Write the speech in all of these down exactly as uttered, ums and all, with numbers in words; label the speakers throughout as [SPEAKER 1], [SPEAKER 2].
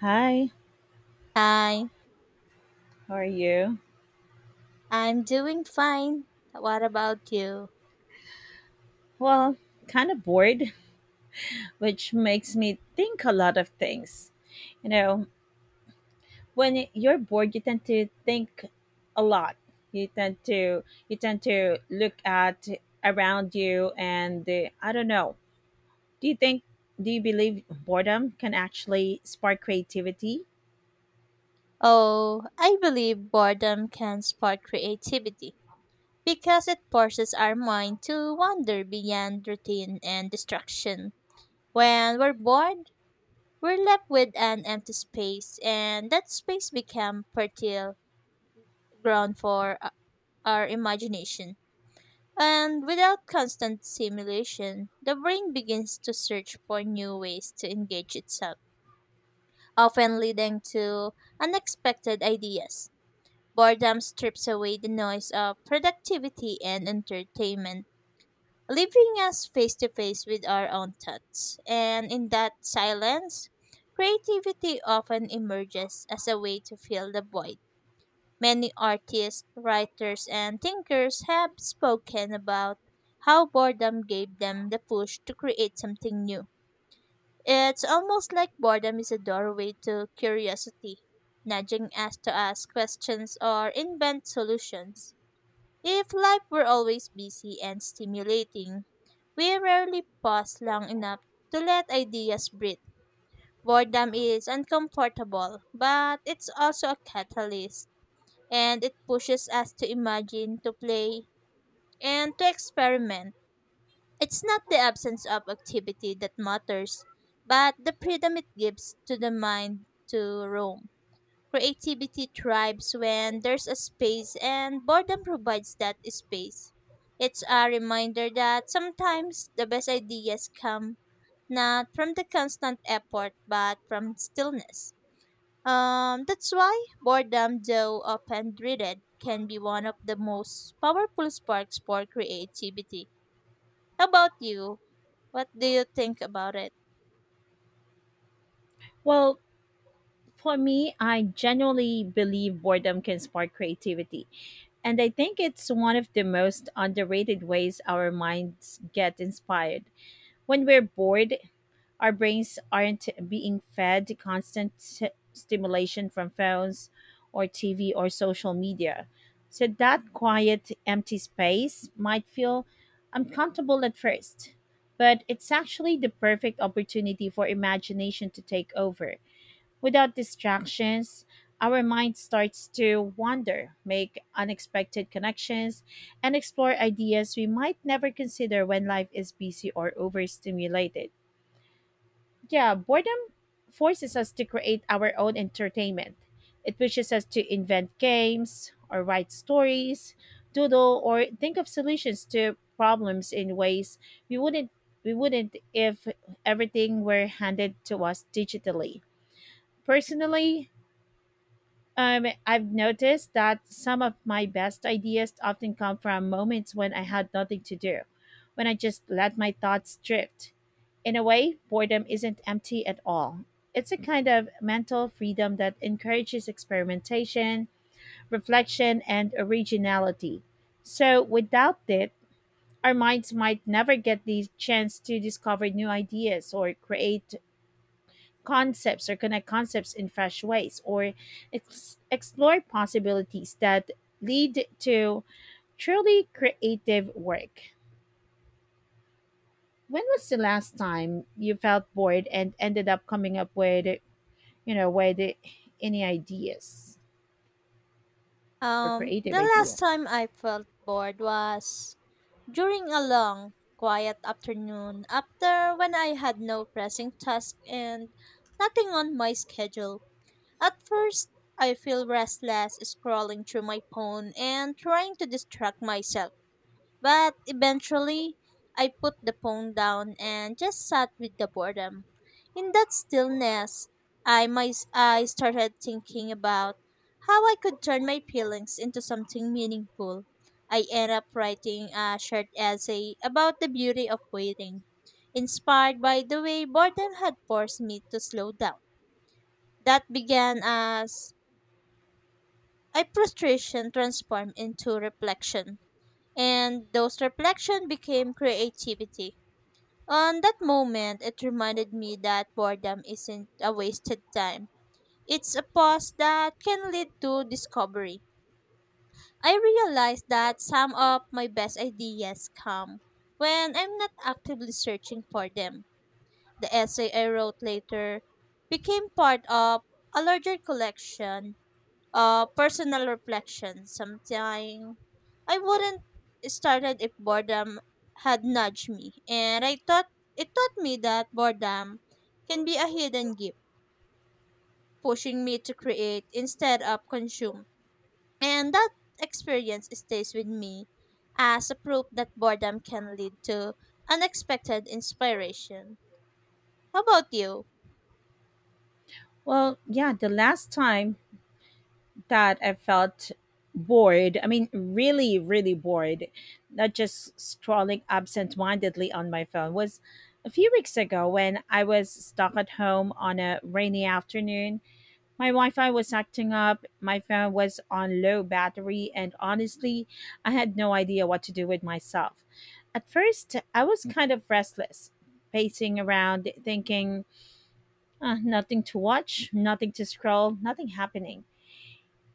[SPEAKER 1] Hi,
[SPEAKER 2] Hi,
[SPEAKER 1] how are you?
[SPEAKER 2] I'm doing fine. What about you?
[SPEAKER 1] Well, kind of bored, which makes me think a lot of things. You know, when you're bored, you tend to think a lot. You tend to you tend to look at around you and uh, I don't know. Do you think do you believe boredom can actually spark creativity?
[SPEAKER 2] Oh, I believe boredom can spark creativity because it forces our mind to wander beyond routine and distraction. When we're bored, we're left with an empty space, and that space becomes fertile ground for uh, our imagination. And without constant stimulation, the brain begins to search for new ways to engage itself, often leading to unexpected ideas. Boredom strips away the noise of productivity and entertainment, leaving us face to face with our own thoughts. And in that silence, creativity often emerges as a way to fill the void. Many artists, writers, and thinkers have spoken about how boredom gave them the push to create something new. It's almost like boredom is a doorway to curiosity, nudging us to ask questions or invent solutions. If life were always busy and stimulating, we rarely pause long enough to let ideas breathe. Boredom is uncomfortable, but it's also a catalyst, and it pushes us to imagine, to play, and to experiment. It's not the absence of activity that matters, but the freedom it gives to the mind to roam. Creativity thrives when there's a space, and boredom provides that space. It's a reminder that sometimes the best ideas come not from the constant effort but from stillness. Um, that's why boredom, though often dreaded, can be one of the most powerful sparks for creativity. How about you? What do you think about it?
[SPEAKER 1] Well, for me, I genuinely believe boredom can spark creativity. And I think it's one of the most underrated ways our minds get inspired. When we're bored, our brains aren't being fed constant s- stimulation from phones or T V or social media. So that quiet, empty space might feel uncomfortable at first, but it's actually the perfect opportunity for imagination to take over. Without distractions, our mind starts to wander, make unexpected connections, and explore ideas we might never consider when life is busy or overstimulated. Yeah, boredom forces us to create our own entertainment. It pushes us to invent games or write stories, doodle or think of solutions to problems in ways we wouldn't we wouldn't if everything were handed to us digitally. Personally, um, I've noticed that some of my best ideas often come from moments when I had nothing to do, when I just let my thoughts drift. In a way, boredom isn't empty at all. It's a kind of mental freedom that encourages experimentation, reflection, and originality. So, without it, our minds might never get the chance to discover new ideas or create concepts or connect concepts in fresh ways or ex- explore possibilities that lead to truly creative work. When was the last time you felt bored and ended up coming up with, you know, with any ideas or
[SPEAKER 2] Um,
[SPEAKER 1] creative
[SPEAKER 2] the last
[SPEAKER 1] idea?
[SPEAKER 2] time I felt bored was during a long, quiet afternoon after when I had no pressing task and nothing on my schedule. At first, I feel restless scrolling through my phone and trying to distract myself. But eventually, I put the phone down and just sat with the boredom. In that stillness, I, my, I started thinking about how I could turn my feelings into something meaningful. I ended up writing a short essay about the beauty of waiting, inspired by the way boredom had forced me to slow down. That began as a frustration transformed into reflection and those reflections became creativity. On that moment, it reminded me that boredom isn't a wasted time. It's a pause that can lead to discovery. I realized that some of my best ideas come when I'm not actively searching for them. The essay I wrote later became part of a larger collection, uh, personal reflection. Sometimes I wouldn't started if boredom had nudged me, and I thought it taught me that boredom can be a hidden gift, pushing me to create instead of consume. And that experience stays with me as a proof that boredom can lead to unexpected inspiration. How about you?
[SPEAKER 1] Well, yeah, the last time that I felt bored. I mean, really, really bored, not just scrolling absent-mindedly on my phone. Was a few weeks ago when I was stuck at home on a rainy afternoon. My Wi-Fi was acting up. My phone was on low battery, and honestly, I had no idea what to do with myself. At first, I was kind of restless, pacing around, thinking, "Ah, nothing to watch, nothing to scroll, nothing happening."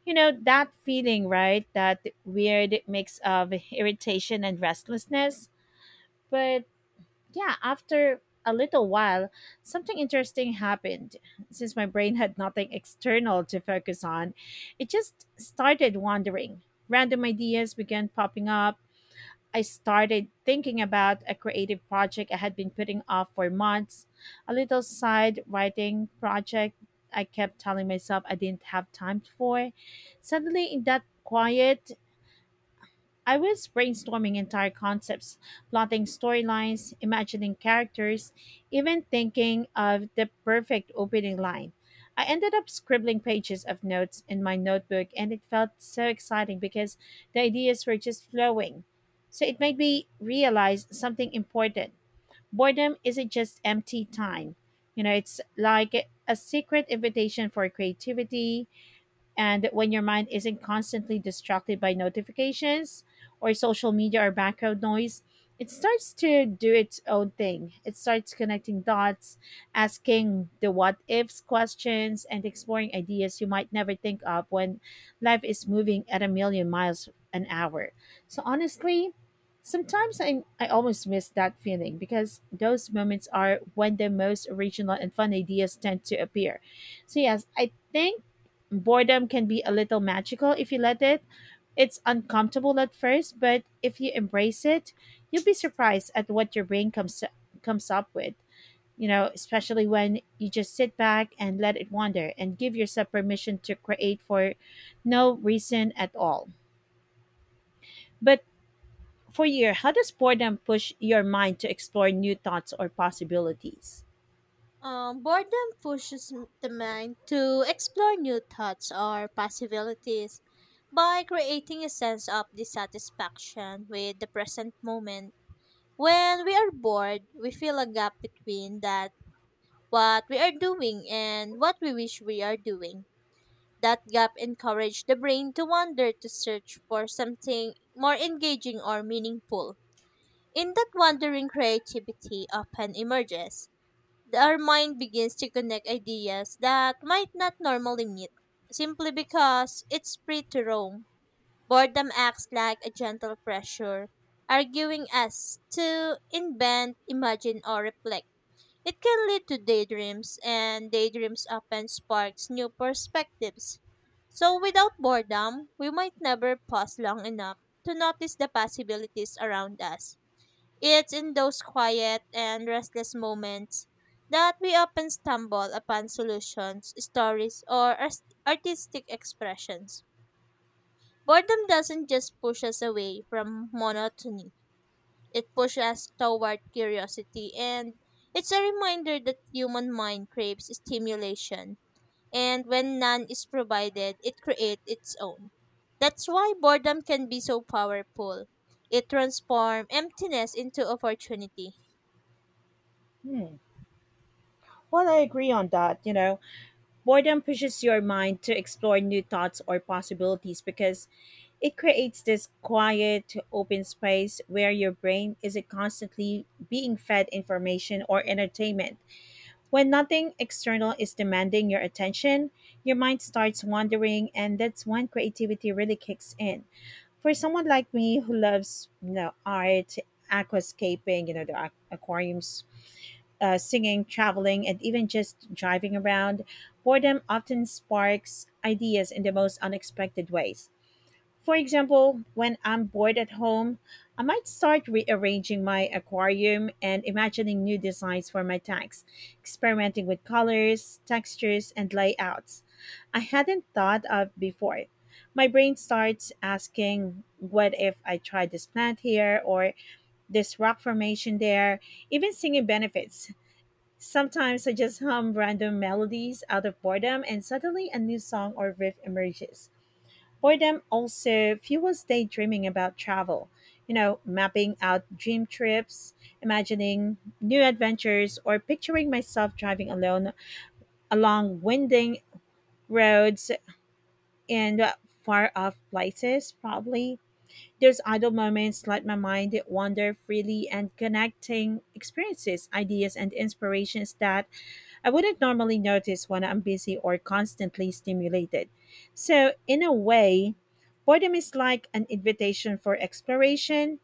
[SPEAKER 1] You know, that feeling, right? That weird mix of irritation and restlessness. But yeah, after a little while, something interesting happened. Since my brain had nothing external to focus on, it just started wandering. Random ideas began popping up. I started thinking about a creative project I had been putting off for months, a little side writing project I kept telling myself I didn't have time for. Suddenly, in that quiet, I was brainstorming entire concepts, plotting storylines, imagining characters, even thinking of the perfect opening line. I ended up scribbling pages of notes in my notebook, and it felt so exciting because the ideas were just flowing. So it made me realize something important. Boredom isn't just empty time, you know, it's like a secret invitation for creativity, and when your mind isn't constantly distracted by notifications or social media or background noise, it starts to do its own thing. It starts connecting dots, asking the what ifs questions, and exploring ideas you might never think of when life is moving at a million miles an hour. So, honestly, sometimes I, I almost miss that feeling because those moments are when the most original and fun ideas tend to appear. So, yes, I think boredom can be a little magical if you let it. It's uncomfortable at first, but if you embrace it, you'll be surprised at what your brain comes comes up with. You know, especially when you just sit back and let it wander and give yourself permission to create for no reason at all. But for you, how does boredom push your mind to explore new thoughts or possibilities?
[SPEAKER 2] Um, boredom pushes m- the mind to explore new thoughts or possibilities by creating a sense of dissatisfaction with the present moment. When we are bored, we feel a gap between that what we are doing and what we wish we are doing. That gap encourages the brain to wander to search for something more engaging or meaningful. In that wandering, creativity often emerges. Our mind begins to connect ideas that might not normally meet simply because it's free to roam. Boredom acts like a gentle pressure, arguing us to invent, imagine, or reflect. It can lead to daydreams, and daydreams often sparks new perspectives. So without boredom, we might never pause long enough to notice the possibilities around us. It's in those quiet and restless moments that we often stumble upon solutions, stories, or ars- artistic expressions. Boredom doesn't just push us away from monotony, it pushes us toward curiosity, and it's a reminder that human mind craves stimulation, and when none is provided, it creates its own. That's why boredom can be so powerful. It transforms emptiness into opportunity.
[SPEAKER 1] Hmm. Well, I agree on that. You know, boredom pushes your mind to explore new thoughts or possibilities because it creates this quiet, open space where your brain isn't constantly being fed information or entertainment. When nothing external is demanding your attention, your mind starts wandering, and that's when creativity really kicks in. For someone like me who loves, you know, art, aquascaping, you know, the aqu- aquariums, uh, singing, traveling, and even just driving around, boredom often sparks ideas in the most unexpected ways. For example, when I'm bored at home, I might start rearranging my aquarium and imagining new designs for my tanks, experimenting with colors, textures, and layouts I hadn't thought of before. My brain starts asking, what if I tried this plant here or this rock formation there? Even singing benefits. Sometimes I just hum random melodies out of boredom, and suddenly a new song or riff emerges. Boredom also fuels daydreaming about travel, you know, mapping out dream trips, imagining new adventures, or picturing myself driving alone along winding roads in far off places, probably. Those idle moments let my mind wander freely and connecting experiences, ideas, and inspirations that I wouldn't normally notice when I'm busy or constantly stimulated. So, in a way, boredom is like an invitation for exploration.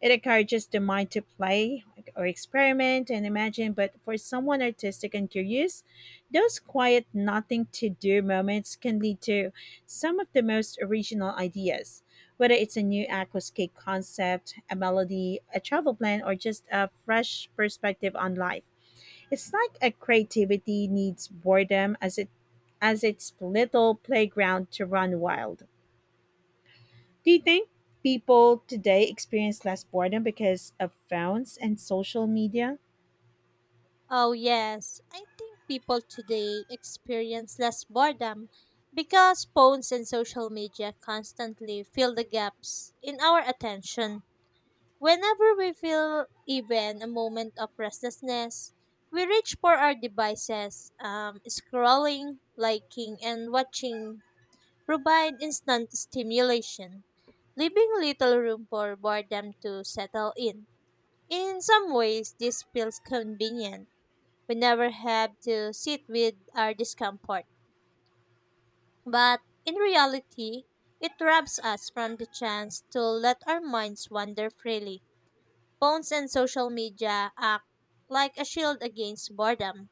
[SPEAKER 1] It encourages the mind to play or experiment and imagine, but for someone artistic and curious, those quiet nothing to do moments can lead to some of the most original ideas. Whether it's a new aquascape concept, a melody, a travel plan, or just a fresh perspective on life. It's like a creativity needs boredom as it as its little playground to run wild. Do you think people today experience less boredom because of phones and social media?
[SPEAKER 2] Oh, yes. I think people today experience less boredom because phones and social media constantly fill the gaps in our attention. Whenever we feel even a moment of restlessness, we reach for our devices. Um, scrolling, liking, and watching provide instant stimulation, leaving little room for boredom to settle in. In some ways, this feels convenient. We never have to sit with our discomfort. But in reality, it robs us from the chance to let our minds wander freely. Phones and social media act like a shield against boredom,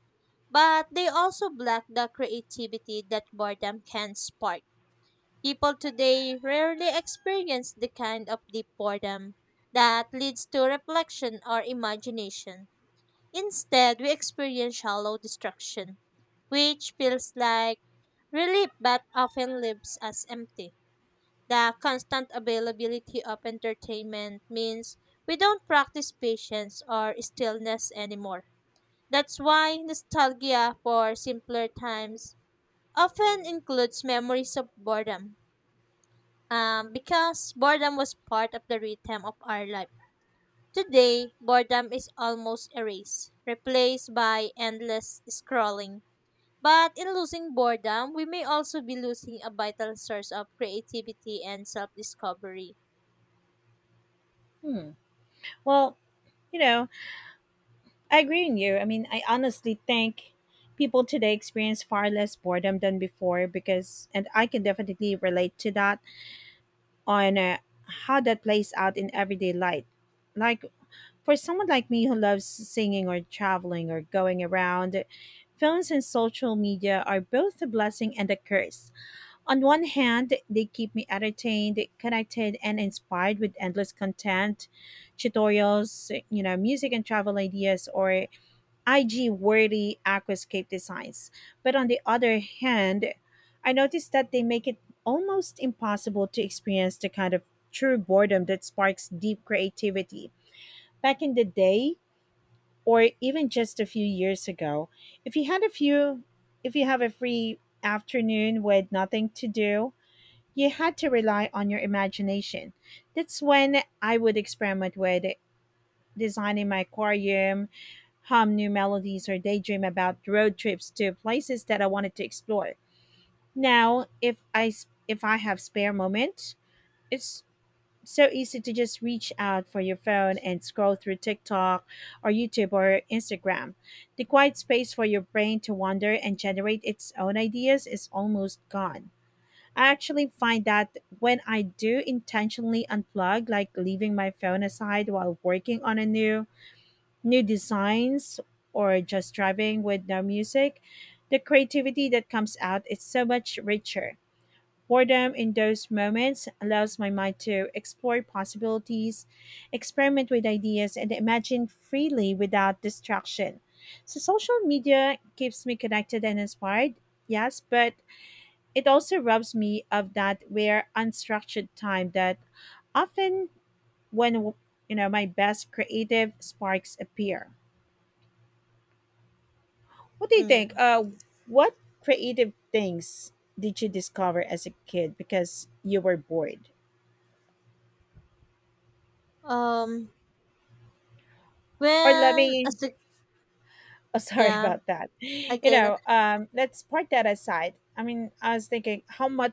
[SPEAKER 2] but they also block the creativity that boredom can spark. People today rarely experience the kind of deep boredom that leads to reflection or imagination. Instead, we experience shallow destruction, which feels like relief but often leaves us empty. The constant availability of entertainment means we don't practice patience or stillness anymore. That's why nostalgia for simpler times often includes memories of boredom, um, because boredom was part of the rhythm of our life. Today, boredom is almost erased, replaced by endless scrolling. But in losing boredom, we may also be losing a vital source of creativity and self-discovery.
[SPEAKER 1] Hmm. Well, you know, I agree with you. I mean, I honestly think people today experience far less boredom than before because, and I can definitely relate to that on uh, how that plays out in everyday life. Like for someone like me who loves singing or traveling or going around, phones and social media are both a blessing and a curse. On one hand, they keep me entertained, connected, and inspired with endless content, tutorials, you know, music and travel ideas, or I G worthy aquascape designs. But on the other hand, I noticed that they make it almost impossible to experience the kind of true boredom that sparks deep creativity. Back in the day, or even just a few years ago, if you had a few if you have a free afternoon with nothing to do, you had to rely on your imagination. That's when I would experiment with designing my aquarium, hum new melodies, or daydream about road trips to places that I wanted to explore. Now if i s- if I have spare moments, it's so easy to just reach out for your phone and scroll through TikTok or YouTube or Instagram. The quiet space for your brain to wander and generate its own ideas is almost gone. I actually find that when I do intentionally unplug, like leaving my phone aside while working on a new new designs or just driving with no music, the creativity that comes out is so much richer. Boredom in those moments allows my mind to explore possibilities, experiment with ideas, and imagine freely without distraction. So, social media keeps me connected and inspired, yes, but it also robs me of that rare unstructured time that often when, you know, my best creative sparks appear. What do you
[SPEAKER 2] Yeah.
[SPEAKER 1] think? Uh, what creative things did you discover as a kid because you were bored?
[SPEAKER 2] Um.
[SPEAKER 1] Or let
[SPEAKER 2] Well,
[SPEAKER 1] me
[SPEAKER 2] as a,
[SPEAKER 1] Oh, sorry
[SPEAKER 2] yeah.
[SPEAKER 1] about that. You
[SPEAKER 2] Okay.
[SPEAKER 1] know, um, let's part that aside. I mean, I was thinking how much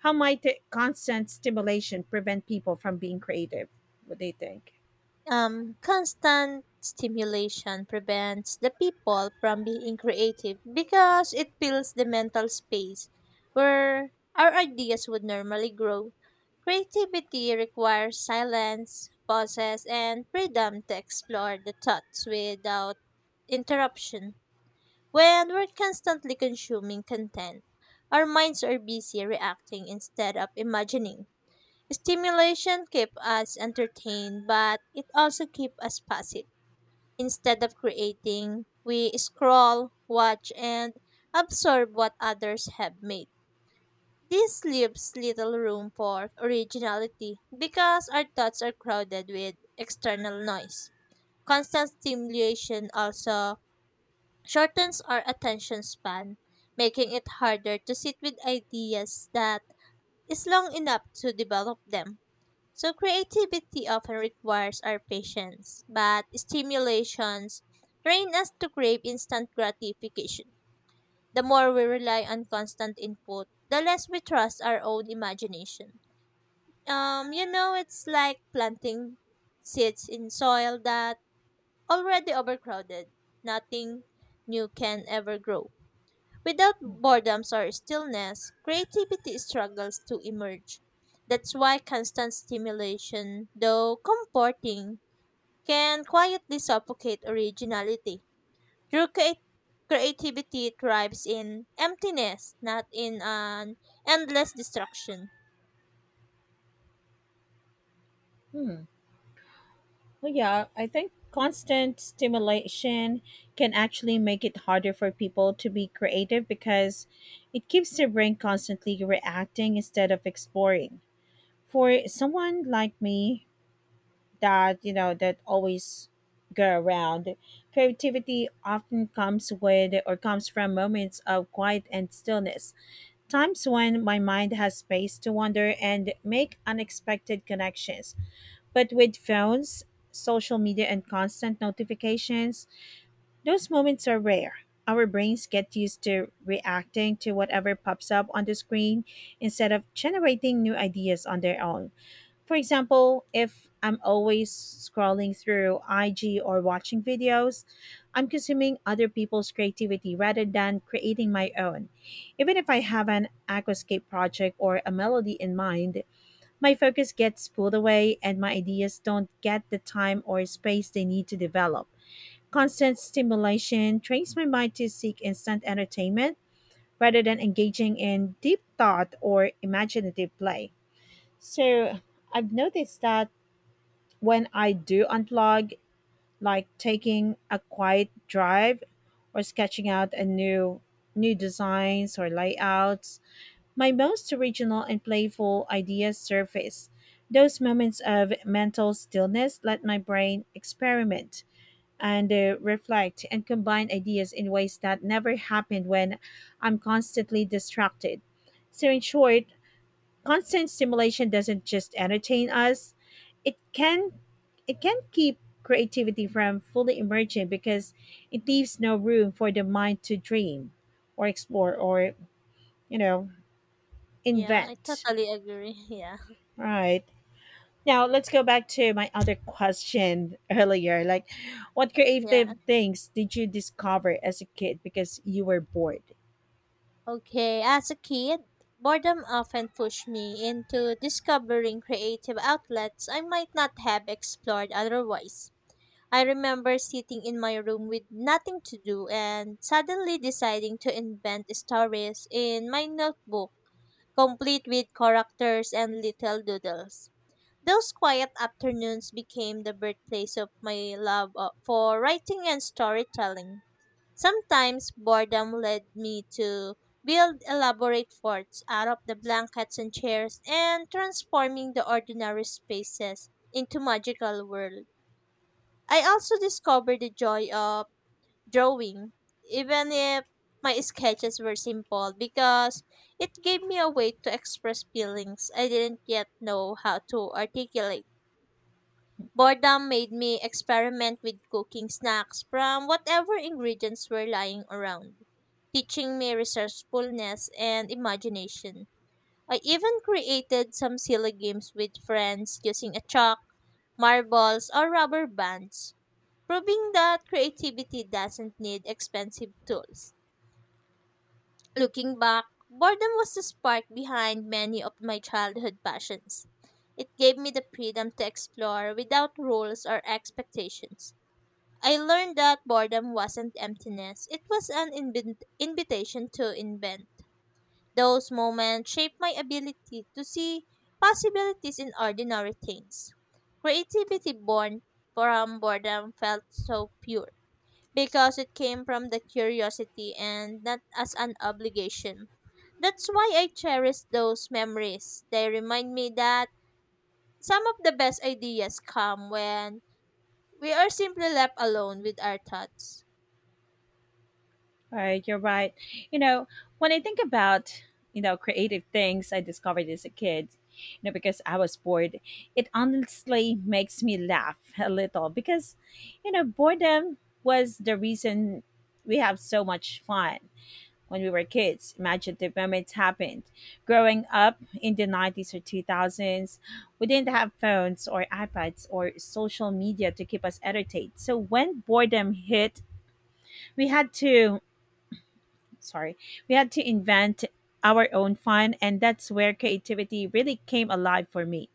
[SPEAKER 1] how might the constant stimulation prevent people from being creative? What do you think?
[SPEAKER 2] um, Constant stimulation prevents the people from being creative because it fills the mental space where our ideas would normally grow. Creativity requires silence, pauses, and freedom to explore the thoughts without interruption. When we're constantly consuming content, our minds are busy reacting instead of imagining. Stimulation keep us entertained, but it also keep us passive. Instead of creating, we scroll, watch, and absorb what others have made. This leaves little room for originality because our thoughts are crowded with external noise. Constant stimulation also shortens our attention span, making it harder to sit with ideas that is long enough to develop them, so creativity often requires our patience, but stimulations train us to crave instant gratification. The more we rely on constant input, the less we trust our own imagination. Um, you know, it's like planting seeds in soil that already overcrowded. Nothing new can ever grow. Without
[SPEAKER 1] Hmm.
[SPEAKER 2] boredom or stillness, creativity struggles to emerge. That's why constant stimulation, though comforting, can quietly suffocate originality. True crea- creativity thrives in emptiness, not in an endless destruction.
[SPEAKER 1] Hmm. Well, yeah, I think constant stimulation can actually make it harder for people to be creative because it keeps their brain constantly reacting instead of exploring. For someone like me that, you know, that always go around, creativity often comes with or comes from moments of quiet and stillness, times when my mind has space to wander and make unexpected connections, but with phones, social media, and constant notifications, those moments are rare. Our brains get used to reacting to whatever pops up on the screen instead of generating new ideas on their own. For example, if I'm always scrolling through I G or watching videos, I'm consuming other people's creativity rather than creating my own. Even if I have an aquascape project or a melody in mind, my focus gets pulled away and my ideas don't get the time or space they need to develop. Constant stimulation trains my mind to seek instant entertainment rather than engaging in deep thought or imaginative play. So I've noticed that when I do unplug, like taking a quiet drive or sketching out a new new designs or layouts, my most original and playful ideas surface. Those moments of mental stillness let my brain experiment and uh, reflect and combine ideas in ways that never happened when I'm constantly distracted. So, in short, constant stimulation doesn't just entertain us, it can it can keep creativity from fully emerging because it leaves no room for the mind to dream or explore or you know
[SPEAKER 2] Yeah, I
[SPEAKER 1] invent.
[SPEAKER 2] totally agree. Yeah,
[SPEAKER 1] Right, now let's go back to my other question earlier, like what
[SPEAKER 2] yeah.
[SPEAKER 1] creative things did you discover as a kid because you were bored?
[SPEAKER 2] Okay, as a kid, boredom often pushed me into discovering creative outlets I might not have explored otherwise. I remember sitting in my room with nothing to do and suddenly deciding to invent stories in my notebook, complete with characters and little doodles. Those quiet afternoons became the birthplace of my love, uh, for writing and storytelling. Sometimes boredom led me to build elaborate forts out of the blankets and chairs and transforming the ordinary spaces into magical world. I also discovered the joy of drawing, even if my sketches were simple because it gave me a way to express feelings I didn't yet know how to articulate. Boredom made me experiment with cooking snacks from whatever ingredients were lying around, teaching me resourcefulness and imagination. I even created some silly games with friends using a chalk, marbles, or rubber bands, proving that creativity doesn't need expensive tools. Looking back, boredom was the spark behind many of my childhood passions. It gave me the freedom to explore without rules or expectations. I learned that boredom wasn't emptiness, it was an invit- invitation to invent. Those moments shaped my ability to see possibilities in ordinary things. Creativity born from boredom felt so pure because it came from the curiosity and not as an obligation. That's why I cherish those memories. They remind me that some of the best ideas come when we are simply left alone with our thoughts.
[SPEAKER 1] Right, you're right. You know, when I think about, you know, creative things I discovered as a kid, you know, because I was bored, it honestly makes me laugh a little because, you know, boredom was the reason we have so much fun when we were kids. Imagine the moments happened. Growing up in the nineties or two thousands, we didn't have phones or iPads or social media to keep us entertained. So when boredom hit, we had to sorry, we had to invent our own fun, and that's where creativity really came alive for me.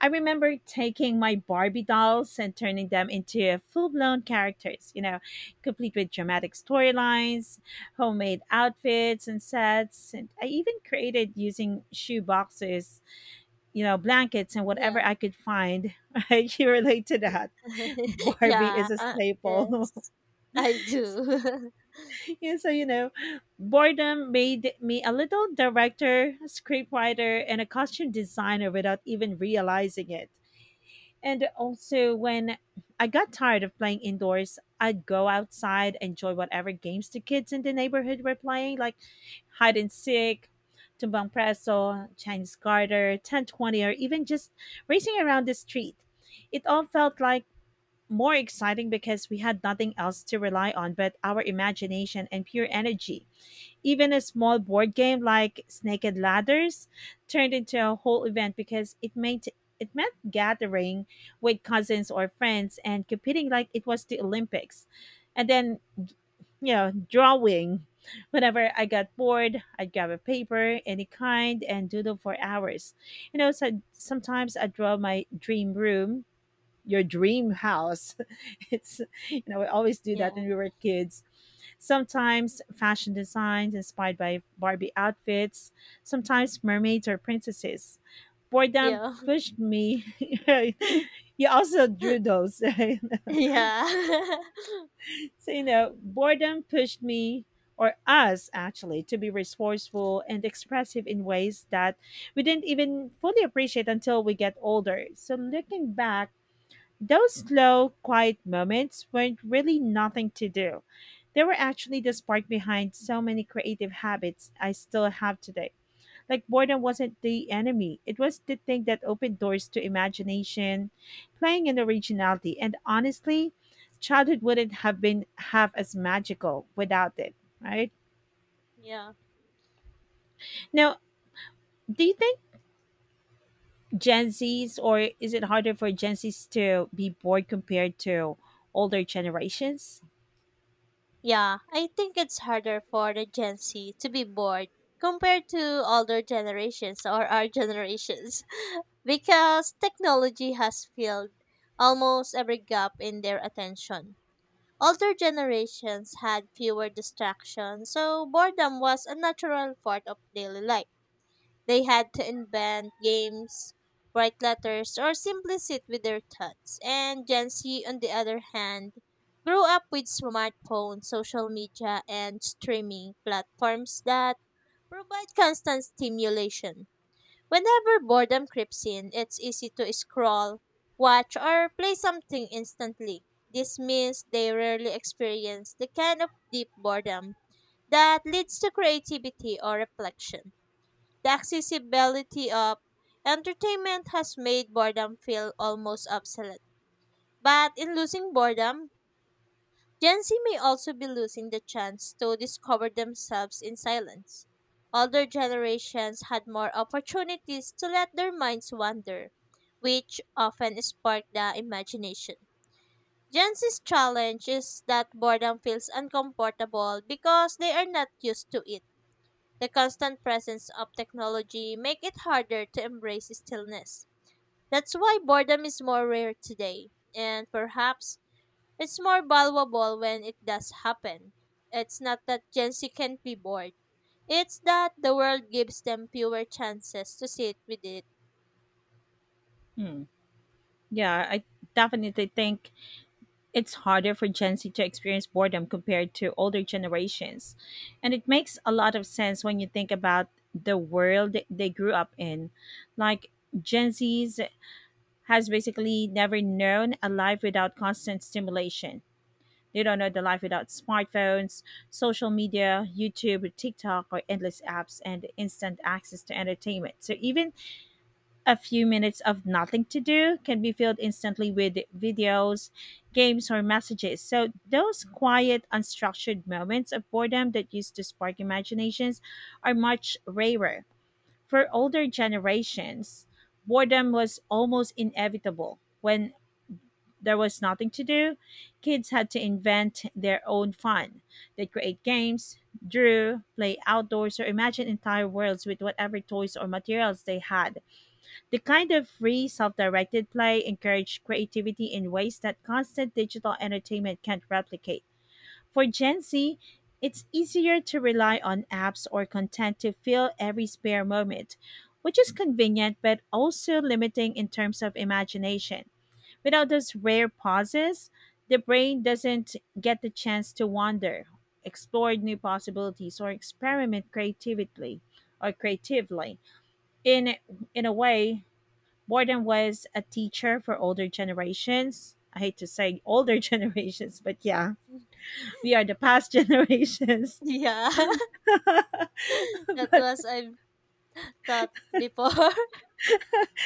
[SPEAKER 1] I remember taking my Barbie dolls and turning them into full blown characters, you know, complete with dramatic storylines, homemade outfits and sets. And I even created using shoe boxes, you know, blankets, and whatever
[SPEAKER 2] Yeah.
[SPEAKER 1] I could find. You relate to that. Barbie
[SPEAKER 2] Yeah.
[SPEAKER 1] is a
[SPEAKER 2] Uh,
[SPEAKER 1] staple.
[SPEAKER 2] yes. I do.
[SPEAKER 1] Yeah, so you know, boredom made me a little director, scriptwriter, and a costume designer without even realizing it. And also, when I got tired of playing indoors, I'd go outside, enjoy whatever games the kids in the neighborhood were playing, like hide and seek, tumbang preso, Chinese garter, ten twenty, or even just racing around the street. It all felt like more exciting because we had nothing else to rely on but our imagination and pure energy. Even a small board game like Snake and Ladders turned into a whole event because it meant it meant gathering with cousins or friends and competing like it was the Olympics. And then, you know, drawing. Whenever I got bored, I'd grab a paper, any kind, and doodle for hours. You know, so sometimes I draw my dream room, your dream house. It's, you know, we always do that
[SPEAKER 2] Yeah.
[SPEAKER 1] when we were kids. Sometimes fashion designs inspired by Barbie outfits, sometimes mermaids or princesses. Boredom
[SPEAKER 2] Yeah.
[SPEAKER 1] pushed me. You also drew those, right?
[SPEAKER 2] Yeah.
[SPEAKER 1] So, you know, boredom pushed me. Or us actually, to be resourceful and expressive in ways that we didn't even fully appreciate until we get older. So, looking back, those slow, quiet moments weren't really nothing to do. They were actually the spark behind so many creative habits I still have today. Like, boredom wasn't the enemy, it was the thing that opened doors to imagination, playing and originality. And honestly, childhood wouldn't have been half as magical without it, right?
[SPEAKER 2] Yeah,
[SPEAKER 1] Now, do you think Gen Zs, or is it harder for Gen Zs to be bored compared to older generations?
[SPEAKER 2] Yeah, I think it's harder for the Gen Z to be bored compared to older generations or our generations because technology has filled almost every gap in their attention. Older generations had fewer distractions, so boredom was a natural part of daily life. They had to invent games, write letters, or simply sit with their thoughts. And Gen Z, on the other hand, grew up with smartphones, social media, and streaming platforms that provide constant stimulation. Whenever boredom creeps in, it's easy to scroll, watch, or play something instantly. This means they rarely experience the kind of deep boredom that leads to creativity or reflection. The accessibility of entertainment has made boredom feel almost obsolete. But in losing boredom, Gen Z may also be losing the chance to discover themselves in silence. Older generations had more opportunities to let their minds wander, which often spark the imagination. Gen Z's challenge is that boredom feels uncomfortable because they are not used to it. The constant presence of technology make it harder to embrace stillness. That's why boredom is more rare today, and perhaps it's more valuable when it does happen. It's not that Gen Z can't be bored. It's that the world gives them fewer chances to sit with it.
[SPEAKER 1] Hmm. Yeah, I definitely think it's harder for Gen Z to experience boredom compared to older generations. And it makes a lot of sense when you think about the world they grew up in. Like, Gen Z's has basically never known a life without constant stimulation. They don't know the life without smartphones, social media, YouTube, TikTok, or endless apps and instant access to entertainment. So even a few minutes of nothing to do can be filled instantly with videos, games, or messages. So, those quiet, unstructured moments of boredom that used to spark imaginations are much rarer. For older generations, boredom was almost inevitable. When there was nothing to do, kids had to invent their own fun. They'd create games, drew, play outdoors, or imagine entire worlds with whatever toys or materials they had, the kind of free, self directed play encouraged creativity in ways that constant digital entertainment can't replicate. For Gen Z, it's easier to rely on apps or content to fill every spare moment, which is convenient but also limiting in terms of imagination. Without those rare pauses, the brain doesn't get the chance to wander, explore new possibilities, or experiment creatively or creatively in in a way Borden was a teacher for older generations. I hate to say older generations, but yeah, we are the past generations.
[SPEAKER 2] Yeah,
[SPEAKER 1] But
[SPEAKER 2] that was I've thought before.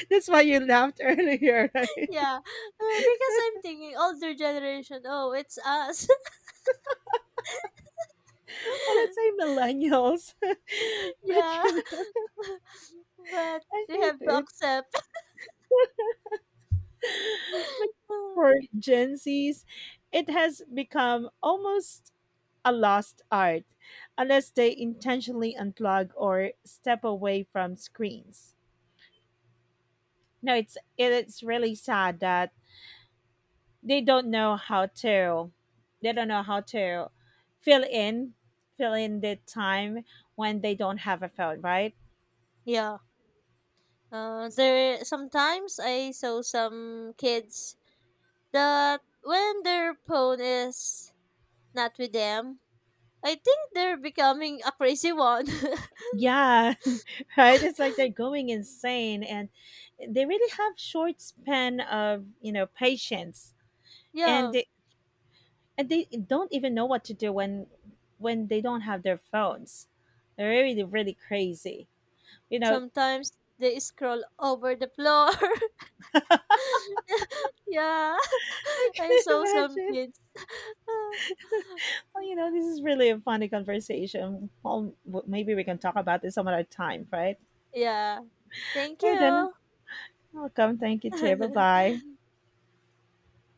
[SPEAKER 1] that's why you laughed earlier, right?
[SPEAKER 2] Yeah, uh, because I'm thinking older generation. Oh, it's us.
[SPEAKER 1] Well, let's say millennials.
[SPEAKER 2] Yeah,
[SPEAKER 1] But you know,
[SPEAKER 2] but
[SPEAKER 1] I
[SPEAKER 2] we
[SPEAKER 1] hate
[SPEAKER 2] have to
[SPEAKER 1] it.
[SPEAKER 2] accept.
[SPEAKER 1] But
[SPEAKER 2] Uh,
[SPEAKER 1] for Gen Zs, it has become almost a lost art unless they intentionally unplug or step away from screens. No, it's it's really sad that they don't know how to they don't know how to fill in fill in the time when they don't have a phone, right?
[SPEAKER 2] yeah. Uh, there sometimes I saw some kids that when their phone is not with them, I think they're becoming a crazy one.
[SPEAKER 1] Yeah. Right, it's like they're going insane, and they really have short span of, you know, patience. and
[SPEAKER 2] Yeah.
[SPEAKER 1] they, and they don't even know what to do when when they don't have their phones. They're really really crazy, you know.
[SPEAKER 2] Sometimes they scroll over the floor. Yeah.
[SPEAKER 1] Can
[SPEAKER 2] I
[SPEAKER 1] you
[SPEAKER 2] saw some
[SPEAKER 1] imagine?
[SPEAKER 2] kids.
[SPEAKER 1] Oh, you know, this is really a funny conversation. Well, w- maybe we can talk about this some other time, right?
[SPEAKER 2] Yeah. Thank
[SPEAKER 1] All right, then.
[SPEAKER 2] you.
[SPEAKER 1] Welcome. Thank you, too. Bye bye.